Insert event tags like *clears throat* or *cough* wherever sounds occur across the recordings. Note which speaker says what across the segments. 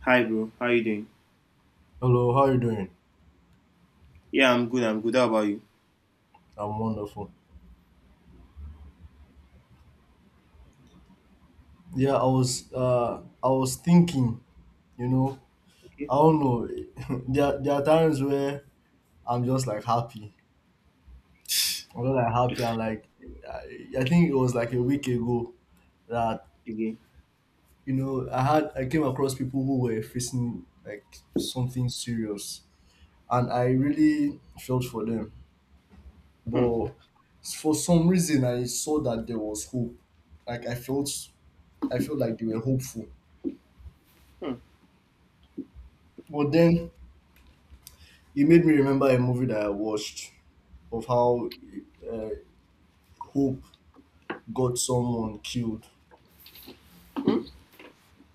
Speaker 1: Hi, bro. How you doing?
Speaker 2: Hello, how are you doing?
Speaker 1: Yeah, I'm good. I'm good. How about you?
Speaker 2: I'm wonderful. Yeah, I was thinking, you know,
Speaker 1: Okay.
Speaker 2: I don't know. *laughs* there are times where I'm just like happy. I'm not like happy, and like I think it was like a week ago that
Speaker 1: Again.
Speaker 2: you know I had I came across people who were facing like something serious, and I really felt for them.
Speaker 1: Hmm.
Speaker 2: But for some reason I saw that there was hope. Like I felt like they were hopeful.
Speaker 1: Hmm.
Speaker 2: But then it made me remember a movie that I watched of how uh, hope got someone killed.
Speaker 1: Hmm.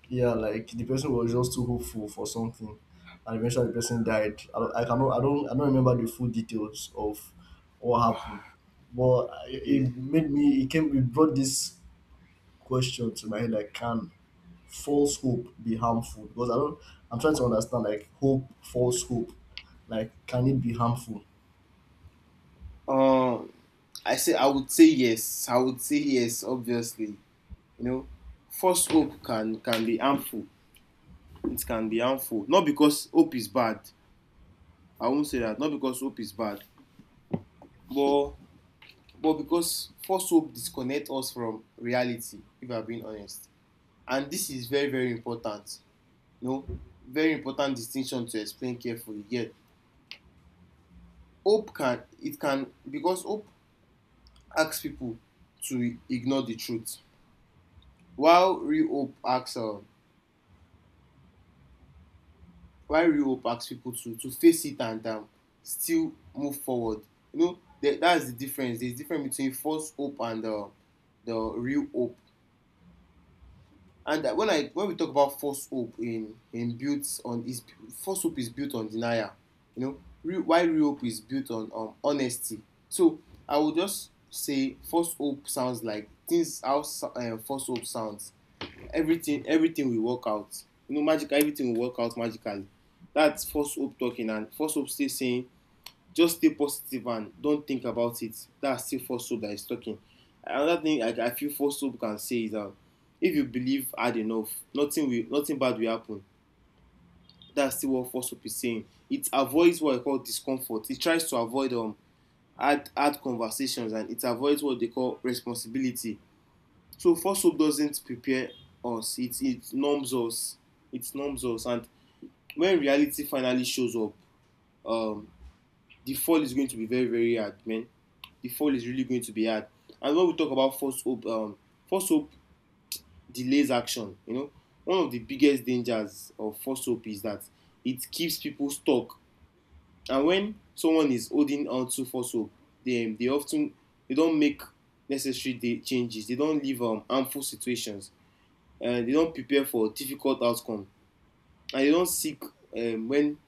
Speaker 2: Yeah, like the person was just too hopeful for something, and eventually the person died. I, don't- I cannot, I don't remember the full details of what happened, but I-
Speaker 1: Yeah.
Speaker 2: it made me. It came, it brought this question to my head: like, can false hope be harmful? Because I don't, I'm trying to understand, like, hope, false hope, like, can it be harmful?
Speaker 1: Um, I say I would say yes. I would say yes. Obviously, you know, false hope can be harmful. It can be harmful. Not because hope is bad. I won't say that. Not because hope is bad, but but because false hope disconnect us from reality. If I'm being honest, and this is very, very important. You know, very important distinction to explain carefully. Yeah, hope can it can because hope asks people to ignore the truth while real hope asks while real hope asks people to face it, and still move forward. That's the difference. There's a difference between false hope and the real hope. And when I when we talk about false hope in built on is false hope is built on denial, you know, real, while real hope is built on honesty. So I would just say false hope sounds like things how false hope sounds. Everything everything will work out. You know, magic everything will work out magically. That's false hope talking, and false hope still saying just stay positive and don't think about it. That's still false hope that is talking. Another thing I feel false hope can say is, if you believe hard enough, nothing will nothing bad will happen. That's still what false hope is saying. It avoids what I call discomfort. It tries to avoid hard hard conversations, and it avoids what they call responsibility. So false hope doesn't prepare us. It numbs us. It numbs us. And when reality finally shows up, um, the fall is going to be very, very hard, man. The fall is really going to be hard. And when we talk about false hope delays action. You know, one of the biggest dangers of false hope is that it keeps people stuck. And when someone is holding on to false hope, they often they don't make necessary changes. They don't leave harmful situations. They don't prepare for difficult outcome, and they don't seek when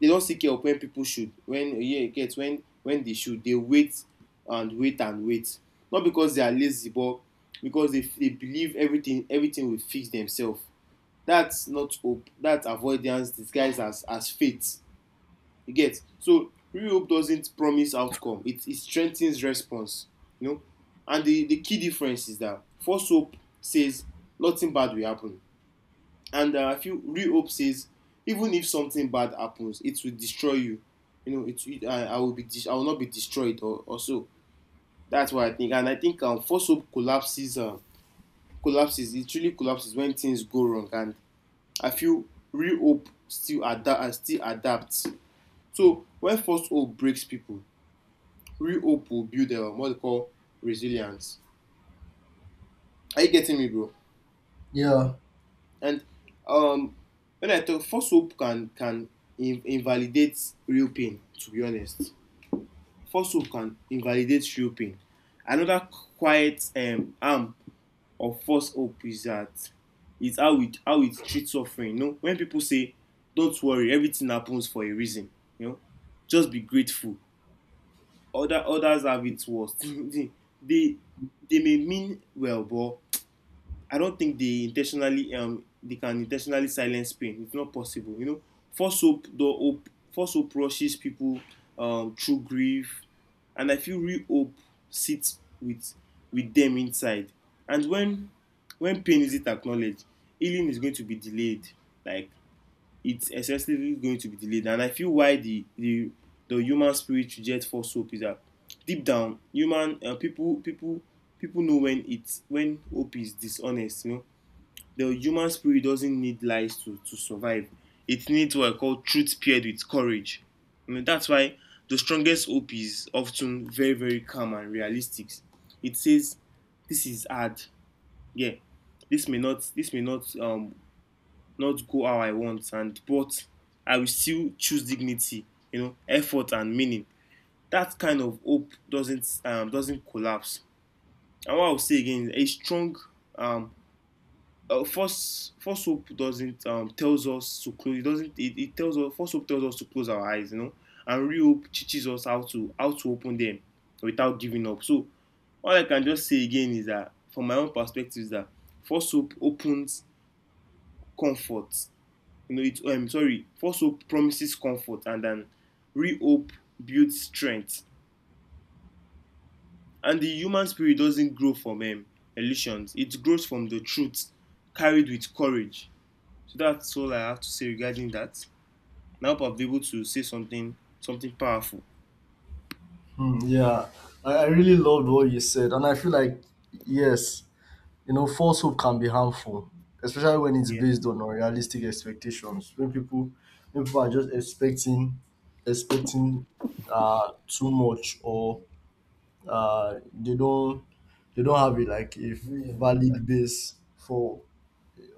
Speaker 1: they don still care of when people should when yeah you get when they should dey wait and wait and wait, not because they are lazy, but because they believe everything everything will fix themselves. That's not hope. That's avoidance disguised as faith. You get. So real hope doesn't promise outcome. It strengthens response, you know. And the key difference is that false hope says nothing bad will happen. And I feel real hope says, even if something bad happens, it will destroy you. You know, it I will be I will not be destroyed or so. That's what I think. And I think false hope collapses. Collapses. It really collapses when things go wrong. And I feel real hope still adapt still adapts. So when false hope breaks people, real hope will build what they call resilience. Are you getting me, bro?
Speaker 2: Yeah.
Speaker 1: And um, when I talk, false hope can invalidate real pain. To be honest, false hope can invalidate real pain. Another quiet arm of false hope is that is how it treats suffering. You know, when people say, "Don't worry, everything happens for a reason," you know, just be grateful. Other others have it worse. *laughs* They may mean well, but I don't think they intentionally they can intentionally silence pain. It's not possible, you know. First hope, the hope, first hope rushes people through grief, and I feel real hope sits with them inside. And when pain isn't acknowledged, healing is going to be delayed. Like, it's excessively going to be delayed. And I feel why the human spirit rejects false hope is that deep down, human people people people know when it's when hope is dishonest. You know, the human spirit doesn't need lies to survive. It needs what I call truth paired with courage. I mean, that's why the strongest hope is often very, very calm and realistic. It says this is hard. Yeah, this may not not go how I want and but I will still choose dignity, you know, effort and meaning. That kind of hope doesn't collapse. And what I'll say again, a strong um, first hope doesn't tells us to close. It doesn't. It tells us first hope tells us to close our eyes, you know, and real hope teaches us how to open them without giving up. So all I can just say again is that from my own perspective is that first hope opens comfort, you know, false hope promises comfort, and then real hope builds strength. And the human spirit doesn't grow from illusions. It grows from the truth carried with courage. So that's all I have to say regarding that. And I hope I've been able to say something something powerful.
Speaker 2: Mm, yeah, I really loved what you said, and I feel like, yes, false hope can be harmful, especially when it's
Speaker 1: Yeah.
Speaker 2: based on unrealistic expectations. When people are just expecting, expecting, too much, or uh, they don't, they don't have it like a valid base for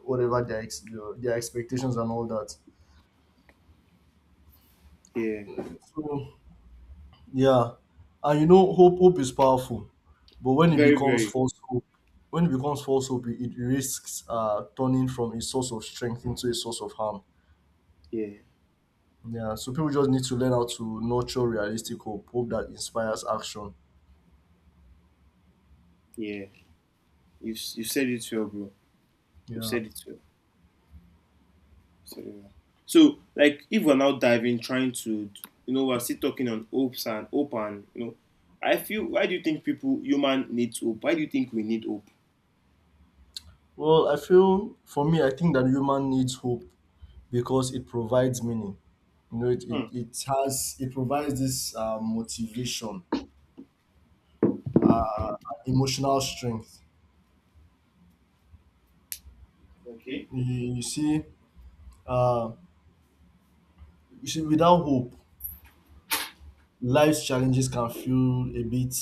Speaker 2: whatever their ex, you know, their expectations and all that.
Speaker 1: Yeah.
Speaker 2: So yeah. And, hope is powerful, but
Speaker 1: Very, very.
Speaker 2: when it becomes false hope, it risks turning from a source of strength into a source of harm.
Speaker 1: Yeah.
Speaker 2: Yeah. So people just need to learn how to nurture realistic hope, hope that inspires action.
Speaker 1: Yeah. You've said it well, bro. You've
Speaker 2: Yeah.
Speaker 1: said it well. So yeah. So, like, if we're now diving, trying to, you know, we're still talking on hopes and hope and, you know, I feel, why do you think people, human needs hope? Why do you think we need hope?
Speaker 2: Well, I feel for me, I think that human needs hope because it provides meaning. It, it,
Speaker 1: Hmm.
Speaker 2: it has it provides this motivation, emotional strength.
Speaker 1: Okay.
Speaker 2: You, you see, uh, you see, without hope, life's challenges can feel a bit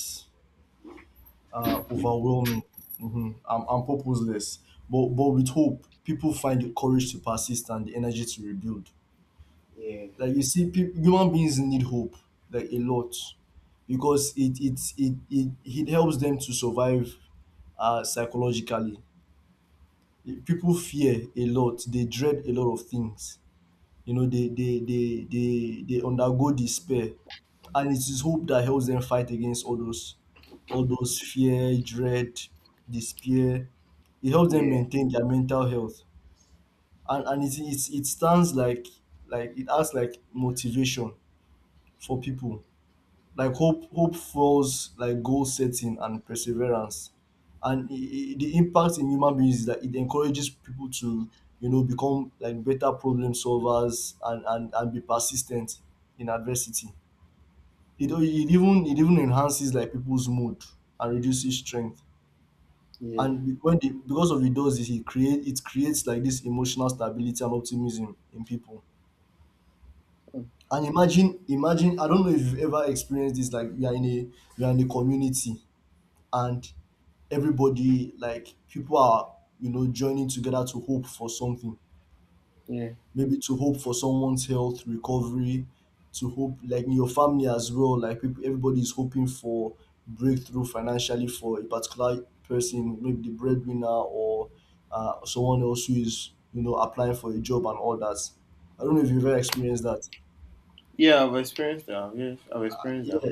Speaker 2: overwhelming mhm, and purposeless. But with hope, people find the courage to persist and the energy to rebuild.
Speaker 1: Yeah.
Speaker 2: Like you see, peop human beings need hope like a lot, because it helps them to survive psychologically. People fear a lot; they dread a lot of things. They undergo despair, and it is hope that helps them fight against all those fear, dread, despair. It helps them
Speaker 1: Yeah.
Speaker 2: maintain their mental health, and it stands like it acts like motivation for people. Like hope fuels, like, goal setting and perseverance. And the impact in human beings is that it encourages people to, become like better problem solvers and and be persistent in adversity. It even enhances, like, people's mood and reduces strength.
Speaker 1: Yeah.
Speaker 2: And because of it does is it create it creates like this emotional stability and optimism in people.
Speaker 1: Mm.
Speaker 2: And imagine, I don't know if you've ever experienced this, like, you're in a community, and everybody, like, people are, joining together to hope for something.
Speaker 1: Yeah.
Speaker 2: Maybe to hope for someone's health recovery, to hope, like, in your family as well, like, people, everybody is hoping for breakthrough financially for a particular person, maybe the breadwinner, or someone else who is, applying for a job and all that. I don't know if you've ever experienced that.
Speaker 1: Yeah, I've experienced that. Yes, I've experienced that.
Speaker 2: Yeah.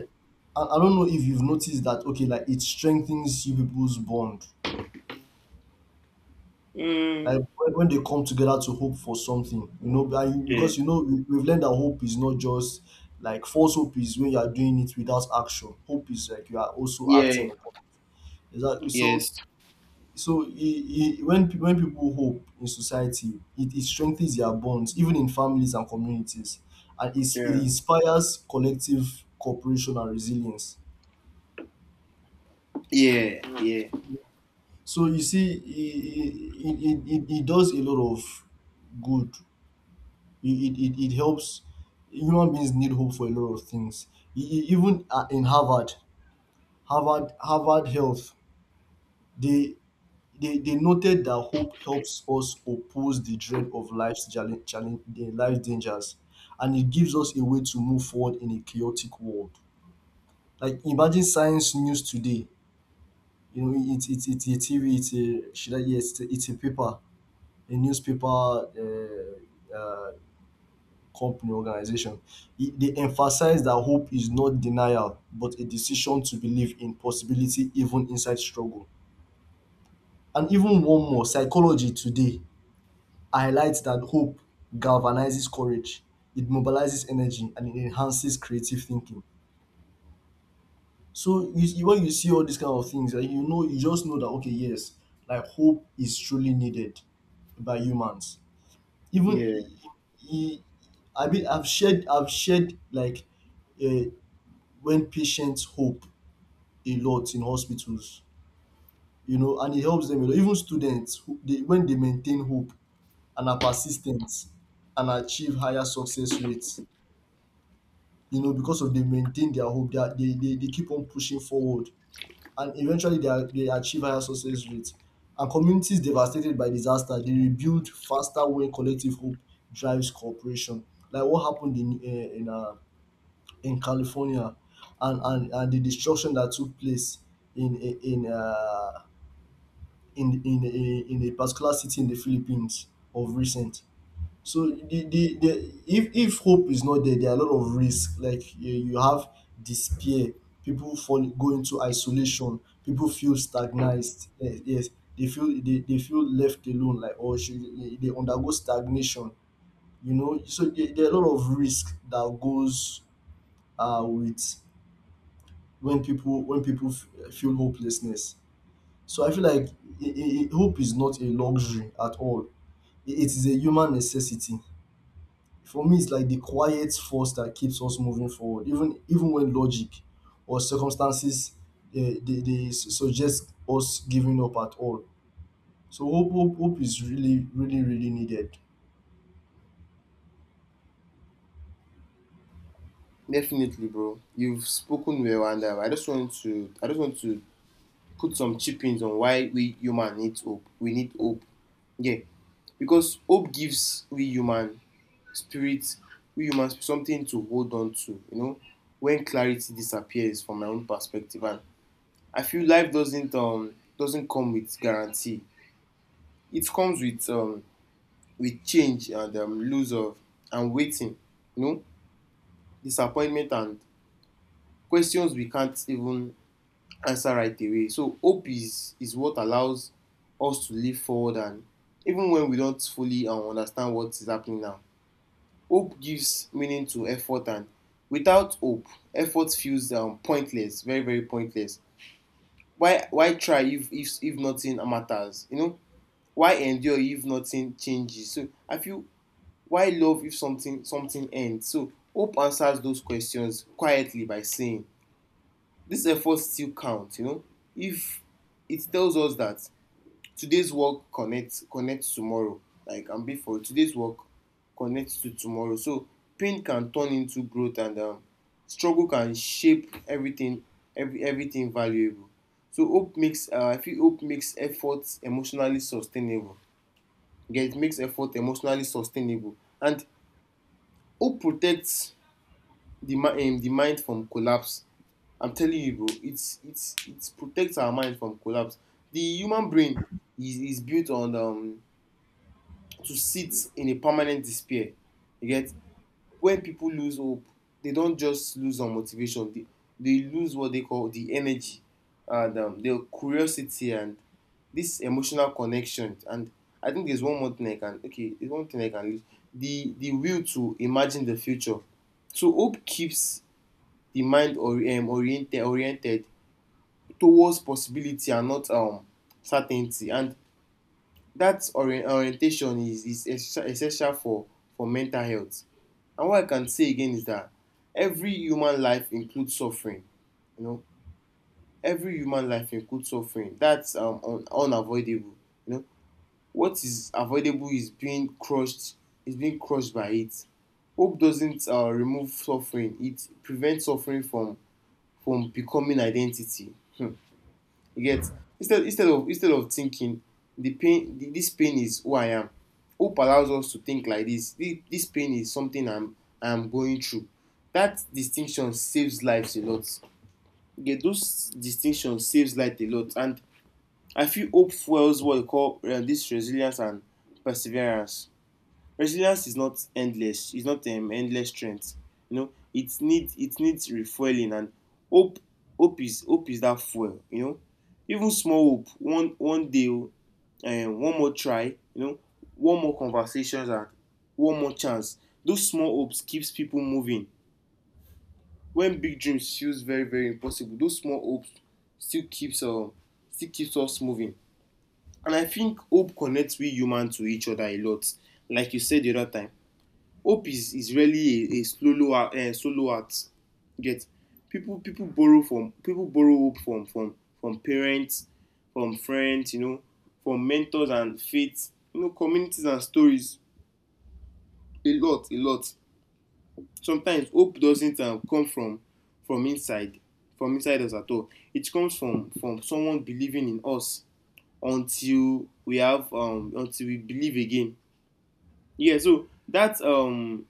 Speaker 2: I don't know if you've noticed that, okay, like, it strengthens you people's bond. Like,
Speaker 1: Mm,
Speaker 2: when they come together to hope for something. And
Speaker 1: yeah.
Speaker 2: because we've learned that hope is not just, like, false hope is when you are doing it without action. Hope is like you are also acting
Speaker 1: Yeah.
Speaker 2: upon. Exactly. So,
Speaker 1: Yes.
Speaker 2: so I when people hope in society, it strengthens their bonds, even in families and communities, and it
Speaker 1: Yeah.
Speaker 2: inspires collective cooperation and resilience.
Speaker 1: Yeah. Yeah.
Speaker 2: So you see, it does a lot of good. It helps. Human beings need hope for a lot of things. Even in Harvard Health, they, they noted that hope helps us oppose the dread of life's challenge, the life dangers, and it gives us a way to move forward in a chaotic world. Like, imagine Science News today. It's a TV, it's a, should I? Yes, it's a paper, a newspaper, company, organization. They emphasize that hope is not denial, but a decision to believe in possibility even inside struggle. And even one more, Psychology Today, highlights that hope galvanizes courage, it mobilizes energy, and it enhances creative thinking. So you when you see all these kind of things, like, you just know that, okay, yes, like, hope is truly needed by humans. Even
Speaker 1: Yeah.
Speaker 2: I I mean, I've shared, like, uh, when patients hope a lot in hospitals, and it helps them a lot. Even students, when they maintain hope and are persistent and achieve higher success rates, because of they maintain their hope, they, are- they keep on pushing forward, and eventually they achieve higher success rates. And communities devastated by disaster, they rebuild faster when collective hope drives cooperation. Like what happened in, in California, and and the destruction that took place in a- in in a particular city in the Philippines of recent. So, the if hope is not there, there are a lot of risks. Like, you have despair, people fall, go into isolation, people feel stagnized. Yes, yes. they feel left alone. Like, they undergo stagnation. So, there are a lot of risk that goes with when people, when people feel hopelessness. So I feel like, hope is not a luxury at all. It is a human necessity. For me, it's like the quiet force that keeps us moving forward, even when logic or circumstances, they suggest us giving up at all. So hope, hope is really, really, really needed.
Speaker 1: Definitely, bro. You've spoken well, and I just want to put some chippings on why we human needs hope. We need hope. Yeah, because hope gives spirit, we human spirit something to hold on to, you know, when clarity disappears from my own perspective. And I feel life doesn't come with guarantee. It comes with change and lose of and waiting, you know, disappointment and questions we can't even answer right away. So hope is what allows us to live forward and even when we don't fully understand what is happening now. Hope gives meaning to effort, and without hope, effort feels, pointless, very, very pointless. Why try if if nothing matters, you know? Why endure if nothing changes? So I feel, why love if something something ends? So hope answers those questions quietly by saying this effort still count, you know. If it tells us that today's work connects connects tomorrow. Like and before today's work connects to tomorrow, so pain can turn into growth, and struggle can shape everything, everything valuable. So hope makes I feel hope makes efforts emotionally sustainable. Yeah, it makes effort emotionally sustainable. And hope protects the mind from collapse. I'm telling you, bro, it protects our mind from collapse. The human brain is built on to sit in a permanent despair. You get. When people lose hope, they don't just lose on motivation. They lose what they call the energy and, their curiosity and this emotional connection. And I think there's one more thing I can okay, there's one thing I can lose. The will to imagine the future. So hope keeps the mind or, oriented towards possibility and not certainty. And that orientation is essential for mental health. And what I can say again is that every human life includes suffering, you know. Every human life includes suffering. That's unavoidable, you know. What is avoidable is being crushed, is being crushed by it. Hope doesn't remove suffering. It prevents suffering from becoming identity. Hmm. You get. Instead of thinking the pain this pain is who I am, hope allows us to think like this: this pain is something I'm going through. That distinction saves lives a lot. You get those distinctions saves life a lot, and I feel hope fuels what we call this resilience and perseverance. Resilience is not endless. It's not endless strength, you know. It needs it needs refueling, and hope hope is that fuel, you know. Even small hope, one day, o one more try, you know, one more conversations and one more chance. Those small hopes keeps people moving. When big dreams feels very, very impossible, those small hopes still keeps um still keeps us moving. And I think hope connects we humans to each other a lot. Like you said the other time, hope is really a solo solo act. You get? People borrow hope from from parents, from friends, you know, from mentors and faith, you know, communities and stories, a lot, a lot. Sometimes hope doesn't come from from inside from inside us at all. It comes from someone believing in us until we have until we believe again. Yeah, so that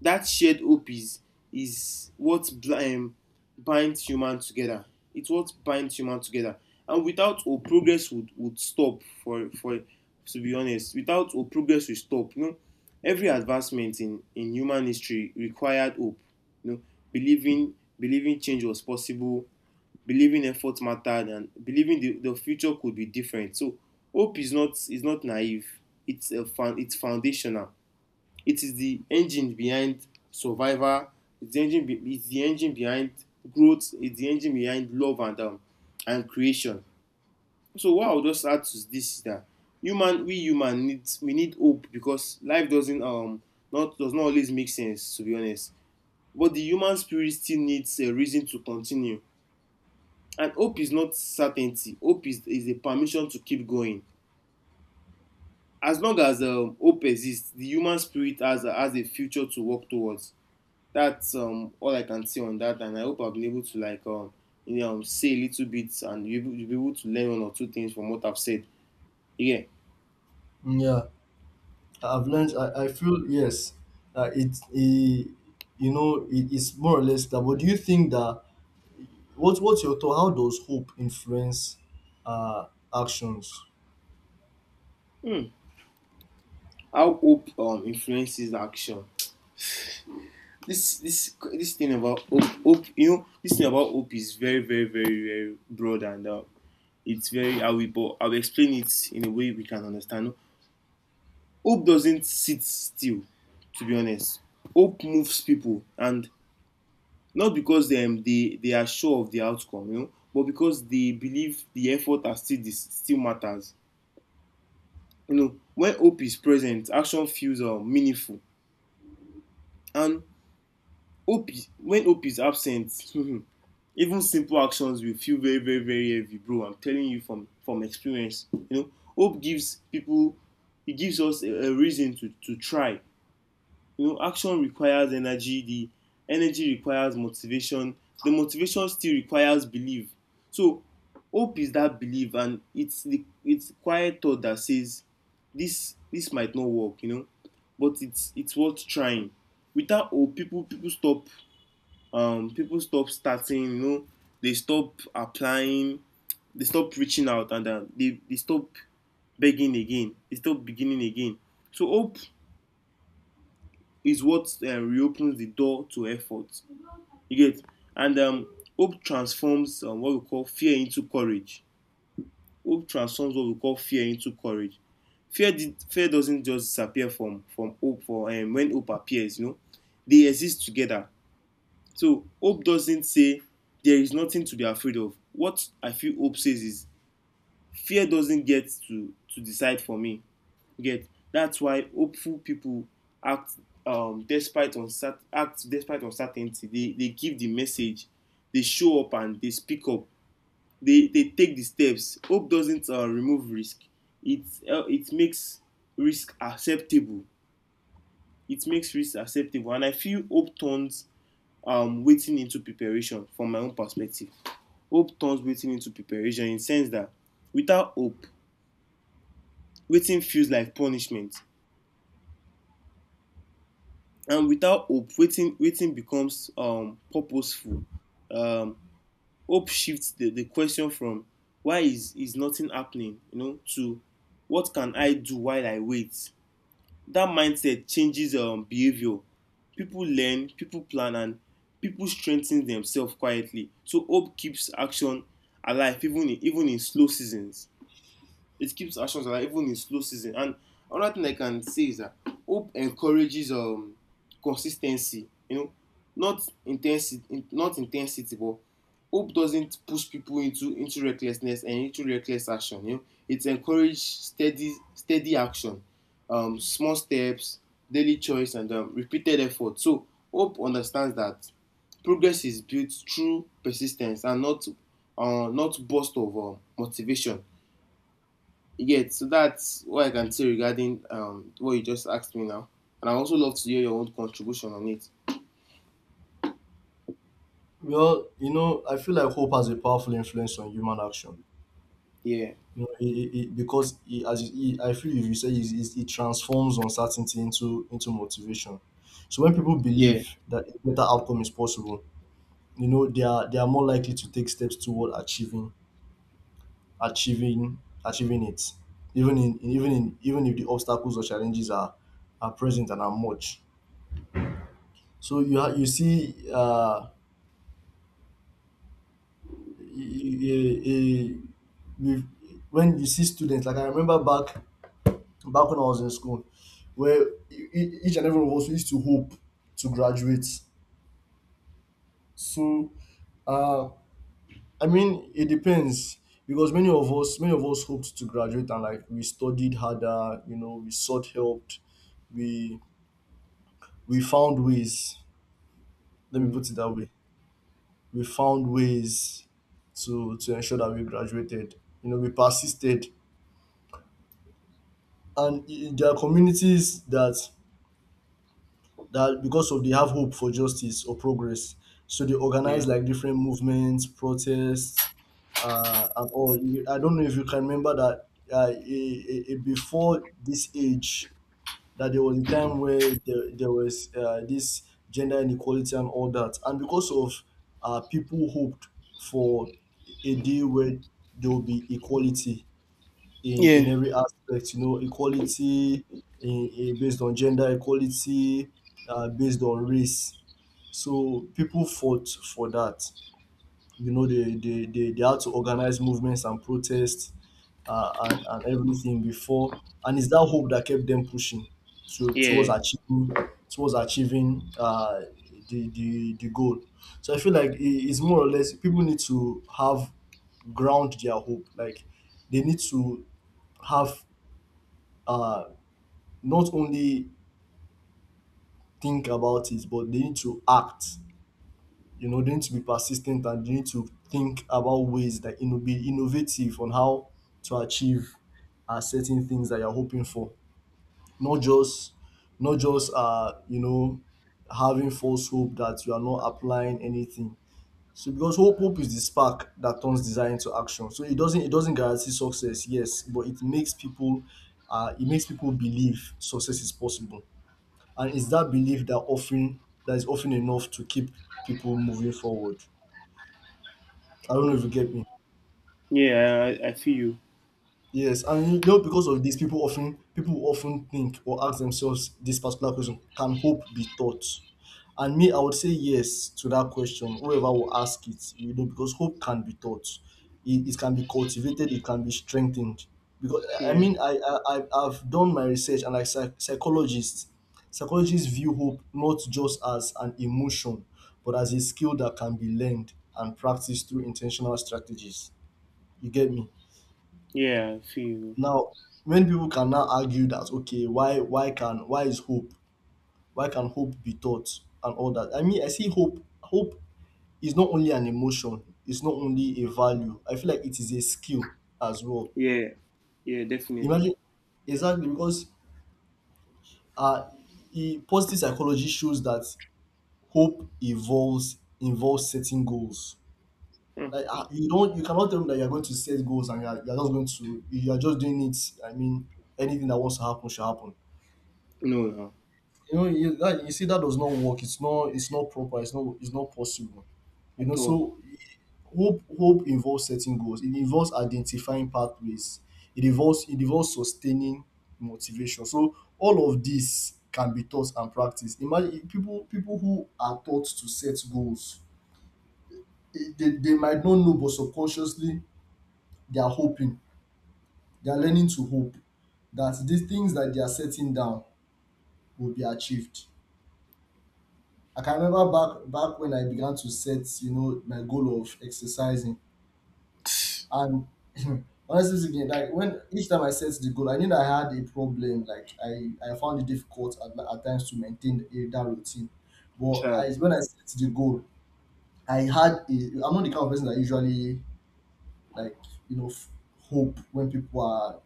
Speaker 1: that shared hope is what binds human together. It's what binds human together. And without hope, progress would stop . For to be honest, without hope progress will stop, you know. Every advancement in human history required hope, you know. Believing change was possible, believing effort mattered, and believing the future could be different. So hope is not naive. It's foundational. It is the engine behind survival. It's the engine. It's the engine behind growth. It's the engine behind love and creation. So what I'll just add to this is that we human need we need hope because life doesn't not does not always make sense, to be honest. But the human spirit still needs a reason to continue. And hope is not certainty. Hope is a permission to keep going. As long as hope exists, the human spirit has has a future to work towards. That's all I can say on that, and I hope I've been able to like you know say a little bit and you will be able to learn one or two things from what I've said. Yeah.
Speaker 2: Yeah, I've learned. I feel, yes, it, it you know it, it's more or less that. But do you think that what's your thought? How does hope influence uh, actions?
Speaker 1: Hmm. How hope influences action. This thing about hope, you know this thing about hope is very, very, very, very broad and it's very I will but I will explain it in a way we can understand. Hope doesn't sit still, to be honest. Hope moves people, and not because they are sure of the outcome, you know, but because they believe the effort are still this still matters. You know, when hope is present, action feels meaningful, and when hope is absent *laughs* even simple actions will feel very, very, very heavy, bro. I'm telling you from experience, you know. Hope gives people, it gives us a reason to try. You know, action requires energy, the energy requires motivation, the motivation still requires belief. So hope is that belief, and it's quiet thought that says this might not work, you know, but it's worth trying. Without hope, people stop, people stop starting, you know. They stop applying, they stop reaching out, and they stop they stop beginning again. So hope is what reopens the door to effort. You get? And hope transforms what we call fear into courage. Hope transforms what we call fear into courage. Fear doesn't just disappear from hope for when hope appears. You know, they exist together. So hope doesn't say there is nothing to be afraid of. What I feel hope says is fear doesn't get to decide for me. You get? That's why hopeful people act act despite uncertainty. They give the message, they show up, and they speak up. They take the steps. Hope doesn't remove risk. It it makes risk acceptable. It makes risk acceptable, and I feel hope turns waiting into preparation, from my own perspective. Hope turns waiting into preparation, in the sense that without hope, waiting feels like punishment. And without hope, waiting wetin becomes purposeful. um Hope shifts the question from why is nothing happening, you know, to what can I do while I wait. That mindset changes behavior. People learn, people plan, and people strengthen themselves quietly. So hope keeps action alive, even in slow seasons. It keeps actions alive even in slow season. And another thing I can say is that hope encourages consistency. You know, not intensity, not intensity, but hope doesn't push people into recklessness and into reckless action. You know, it encourages steady action, small steps, daily choice, and repeated effort. So hope understands that progress is built through persistence and not not burst of motivation. Yet, so that's what I can say regarding what you just asked me now. And I also love to hear your own contribution on it.
Speaker 2: Well, I feel like hope has a powerful influence on human action.
Speaker 1: Yeah.
Speaker 2: It, it, it- because it, as it, it- I feel, if you say it transforms uncertainty into motivation. So when people
Speaker 1: Yeah.
Speaker 2: believe that a better outcome is possible, they are more likely to take steps toward achieving achieving it, even if the obstacles or challenges are present and are much. So you you see a, a, with- when you see students, like, I remember back when I was in school, where each and every one of us used to hope to graduate. So, uh, I mean, it depends, because many of us hoped to graduate, and, like, we studied harder, we sought help, we we found ways. Let me
Speaker 1: Mm.
Speaker 2: put it that way. We found ways to ensure that we graduated. You know, we persisted. And there are communities that, that because of they have hope for justice or progress, so they
Speaker 1: Yeah.
Speaker 2: organize, like, different movements, protests, and all. I don't know if you can remember that, uh, a, a before this age, that there was a time where there was this gender inequality and all that. And because of people hoped for a day where there will be equality in
Speaker 1: Yeah.
Speaker 2: every aspect, you know, equality in, based on gender, equality based on race. So people fought for that. They had to organize movements and protests, and everything. Before, and it's that hope that kept them pushing to towards
Speaker 1: Yeah.
Speaker 2: achieving, towards achieving uh, the goal. So I feel like, it's more or less, people need to have ground their hope. Like, they need to have, uh not only think about it, but they need to act. You know, they need to be persistent, and they need to think about ways that, be innovative on how to achieve certain things that you're hoping for. Not just, not just uh, you know having false hope that you are not applying anything. So, because hope is the spark that turns desire into action. So it doesn't guarantee success, yes, but it makes people believe success is possible. And it's that belief that is often enough to keep people moving forward. I don't know if
Speaker 1: Mm.
Speaker 2: you get me.
Speaker 1: Yeah, I feel you.
Speaker 2: Yes, and you know because of this, people often think or ask themselves this particular question: can hope be taught? And me, I would say yes to that question. Whoever will ask it, you know, because hope can be taught. It can be cultivated. It can be strengthened. Because I
Speaker 1: Yeah.
Speaker 2: mean, I've done my research, and like psychologists, psychologists view hope not just as an emotion, but as a skill that can be learned and practiced through intentional strategies. You get me?
Speaker 1: Yeah, I feel you.
Speaker 2: Now, when people can now argue that okay, why can hope be taught and all that? I mean, I see hope. Hope is not only an emotion; it's not only a value. I feel like it is a skill as well.
Speaker 1: Yeah. Yeah, definitely.
Speaker 2: Imagine exactly because uh, positive psychology shows that hope evolves involves setting goals.
Speaker 1: Mm.
Speaker 2: Like you cannot tell me that you're going to set goals and you're just doing it. I mean, anything that wants to happen should happen,
Speaker 1: No, no.
Speaker 2: you know, you that you see that does not work. It's not proper. It's not possible, you know.
Speaker 1: At all.
Speaker 2: So hope involves setting goals. It involves identifying pathways. It involves sustaining motivation. So all of this can be taught and practiced. Imagine people who are taught to set goals, they might not know, but subconsciously they are hoping. They are learning to hope that these things that they are setting down will be achieved. I can remember back when I began to set, you know, my goal of exercising. And *clears throat* honestly speaking, like when each time I set the goal, I knew that I had a problem. Like I found it difficult at times to maintain a, that routine. But I,
Speaker 1: *sighs* Chad.
Speaker 2: when I set the goal, I had a, I'm not the kind of person that usually, like, you know, hope when people are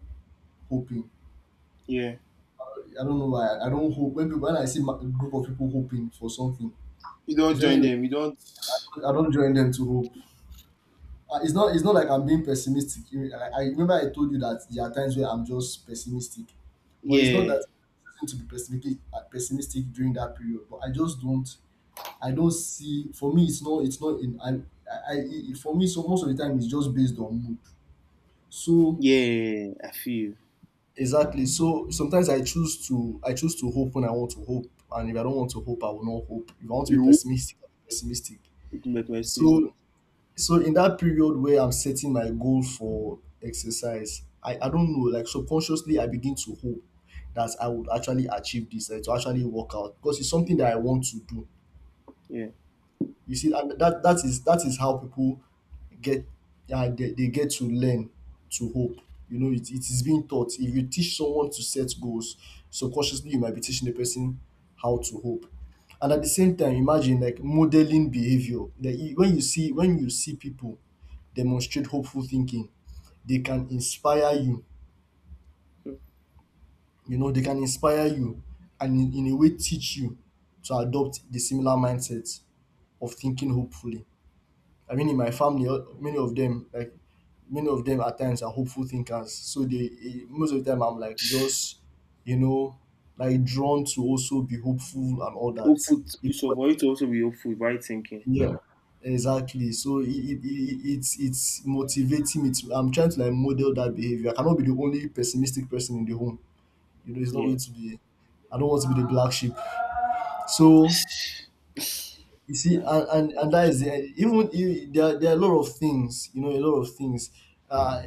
Speaker 2: hoping.
Speaker 1: Yeah.
Speaker 2: I don't know why. I don't hope when people, when I see a group of people hoping for something.
Speaker 1: You don't join
Speaker 2: Especially,
Speaker 1: them. You don't.
Speaker 2: I don't join them to hope. It's not like I'm being pessimistic. You- I remember I told you that there are times where I'm just pessimistic, but it's not
Speaker 1: Yeah.
Speaker 2: that I'm choosing to be pessimistic pessimistic during that period. But I just don't, I don't see, for me it's not in I, for me, so most of the time it's just based on mood. So
Speaker 1: Yeah, I feel you.
Speaker 2: exactly, so sometimes I choose to hope when I want to hope, and if I don't want to hope I will not hope. If I want to be
Speaker 1: You
Speaker 2: pessimistic, I'll be pessimistic.
Speaker 1: with my
Speaker 2: So
Speaker 1: statistics.
Speaker 2: so in that period where I'm setting my goal for exercise, I don't know, like subconsciously I begin to hope that I would actually achieve this, like to actually work out because it's something that I want to do.
Speaker 1: Yeah.
Speaker 2: You see, and that is how people get, they get to learn to hope. You know, it is being taught. If you teach someone to set goals, subconsciously you might be teaching the person how to hope. And at the same time, imagine like modeling behavior. Like you- when you see people demonstrate hopeful thinking, they can inspire you.
Speaker 1: Mm.
Speaker 2: You know, they can inspire you and in a way teach you to adopt the similar mindset of thinking hopefully. I mean, in my family, many of them, like many of them, at times are hopeful thinkers. So they, most of the time, I'm like just, you know, like drawn to also be hopeful and all that. Even,
Speaker 1: So for you to also be hopeful, right thinking.
Speaker 2: yeah, yeah, exactly. So it's motivating. It's, I'm trying to like model that behavior. I cannot be the only pessimistic person in the home. You know, it's not
Speaker 1: Yeah.
Speaker 2: going to be. I don't want to be the black sheep. So you see,
Speaker 1: No,
Speaker 2: and,
Speaker 1: no,
Speaker 2: and,
Speaker 1: no.
Speaker 2: and that is the, even you, there, there are a lot of things, you know, a lot of things, uh,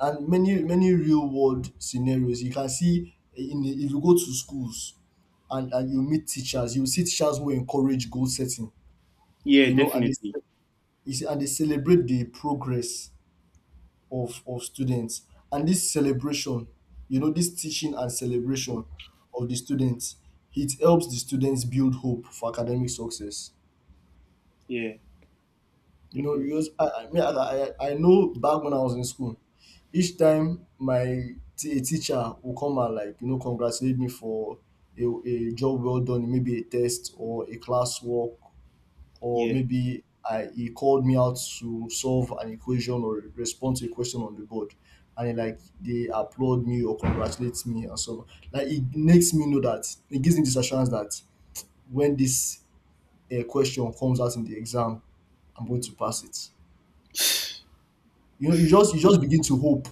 Speaker 2: and many real world scenarios. You can see, eh, in the- if you go to schools, and you meet teachers, you see teachers who encourage goal setting,
Speaker 1: Yeah,
Speaker 2: you know, and they
Speaker 1: definitely.
Speaker 2: you see, and they celebrate the progress of students, and this celebration, you know, this teaching and celebration of the students, it helps the students build hope for academic success.
Speaker 1: Yeah,
Speaker 2: You know, you
Speaker 1: definitely.
Speaker 2: just I know back when I was in school, each time my a teacher will come and like, you know, congratulate me for a job well done, maybe a test or a classwork, or
Speaker 1: Yeah,
Speaker 2: maybe I he called me out to solve an equation or respond to a question on the board, and he, like they applaud me or congratulate me and so on. Like it makes me know, that it gives me this assurance that when this question comes out in the exam, I'm going to pass it. You know, you just begin to hope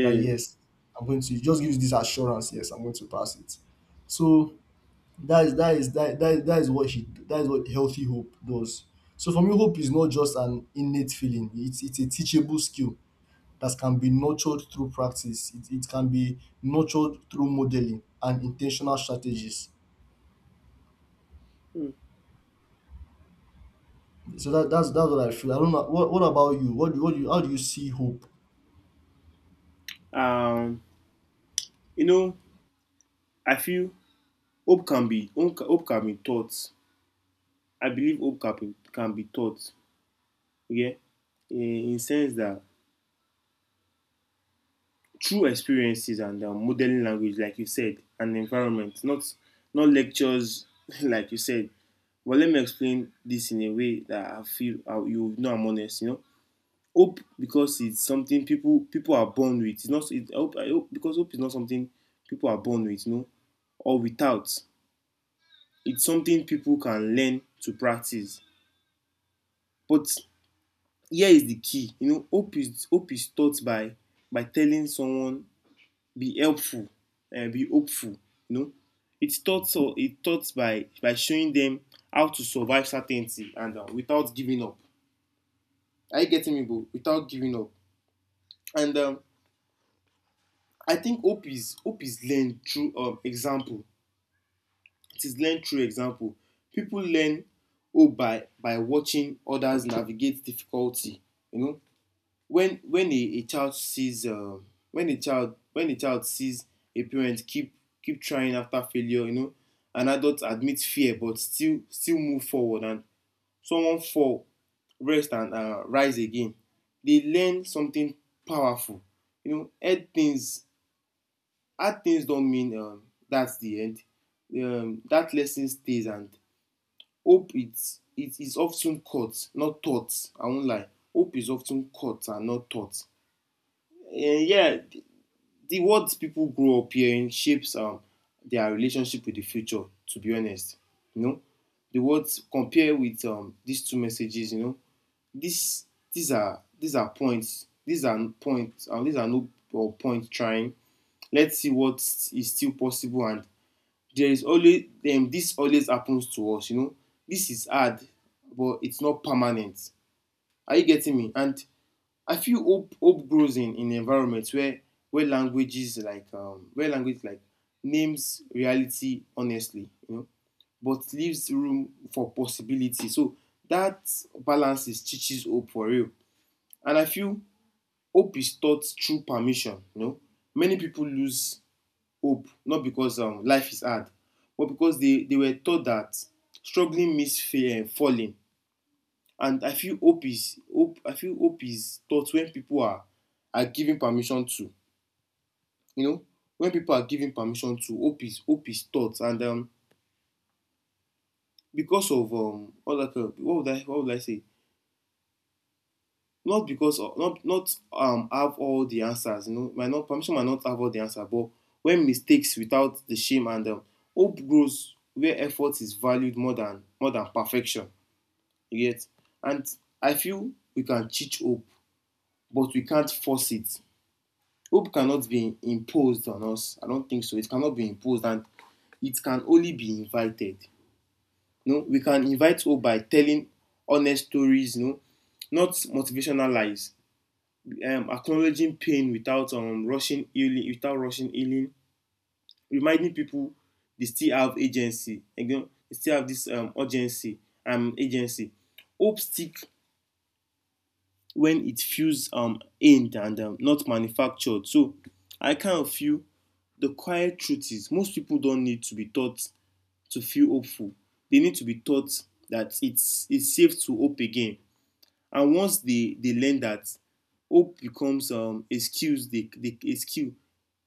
Speaker 2: that yes, I'm going to. It just gives this assurance, yes, I'm going to pass it. So that is that is, that is what she that is what healthy hope does. So for me, hope is not just an innate feeling. It's a teachable skill that can be nurtured through practice. It can be nurtured through modeling and intentional strategies.
Speaker 1: Mm.
Speaker 2: So that's what I feel. I don't know what about you? How do you see hope?
Speaker 1: Um, you know, I feel hope can be taught. I believe can be taught. Yeah, in sense that through experiences and modeling language, like you said, and environment, not not lectures, *laughs* like you said. But let me explain this in a way that I feel you know I'm honest. You know, hope because it's something people people are born with it's not it, I hope because hope is not something people are born with, you know, or without. It's something people can learn to practice. But here is the key, you know. Hope is taught by telling someone be helpful, be hopeful, you know. It's taught. So it taught by showing them how to survive certainty and without giving up. Are you getting me, bro? Without giving up. And I think hope is learned through example. It is learned through example. People learn hope by watching others navigate difficulty. You know, when a child sees when a child sees a parent keep trying after failure, you know, an adult admit fear but still move forward, and someone fall, rest, and rise again. They learn something powerful. You know, head things hard things don't mean that's the end. That lesson stays, and hope it's it is often caught, not taught. I won't lie. Hope is often caught and not taught. And yeah, the words people grow up hearing shapes their relationship with the future. To be honest, you know, the words compare with these two messages. You know, these these are points. These are points. These are no or point trying. Let's see what is still possible and there is always this always happens to us, you know. This is hard, but it's not permanent. Are you getting me? And I feel hope grows in environments where languages like where language like names reality honestly, you know, but leaves room for possibility. So that balance is chichi's hope for real. And I feel hope is taught through permission, you know. Many people lose hope not because life is hard, but because they were taught that struggling means falling. And I feel hope is hope. I feel hope is taught when people are given permission to. You know, when people are given permission to, hope is taught. And because of all that, what would I say? Not because of not have all the answers, you know. Might not, permission might not have all the answer, but when mistakes without the shame. And hope grows where effort is valued more than perfection. You get? And I feel we can teach hope, but we can't force it. Hope cannot be imposed on us. I don't think so. It cannot be imposed, and it can only be invited. You know, we can invite hope by telling honest stories, you know, not motivational lies, acknowledging pain without without rushing healing, reminding people they still have agency. Again, they still have this agency. Hope stick when it feels aimed and not manufactured. So I kind of feel the quiet truth is most people don't need to be taught to feel hopeful. They need to be taught that it's safe to hope again. And once they learn that, hope becomes a skill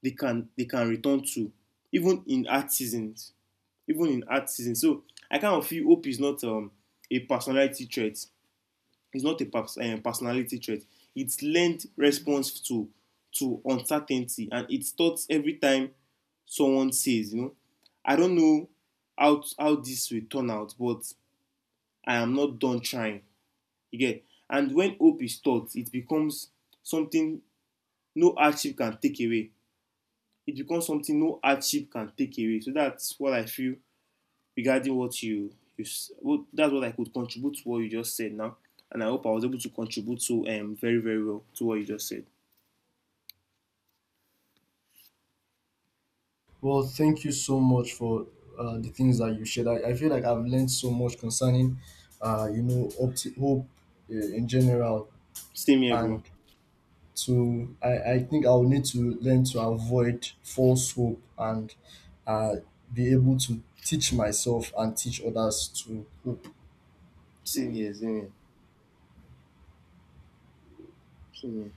Speaker 1: they can return to, even in hard seasons even in hard seasons. So I kind of feel hope is not a personality trait it's not a personality trait. It's learned response to uncertainty, and it's taught every time someone says, you know, I don't know how this will turn out, but I am not done trying. You get? And when hope is taught, it becomes something no hardship can take away. It becomes something no hardship can take away. So that's what I feel regarding what you what, that's what I could contribute to what you just said now. And I hope I was able to contribute to very, very well to what you just said.
Speaker 2: Well, thank you so much for the things that you shared. I feel like I've learned so much concerning, you know, hope in general,
Speaker 1: Same here, bro.
Speaker 2: and to I think I'll need to learn to avoid false hope and uh, be able to teach myself and teach others to hope.
Speaker 1: Same here, same here. Same here.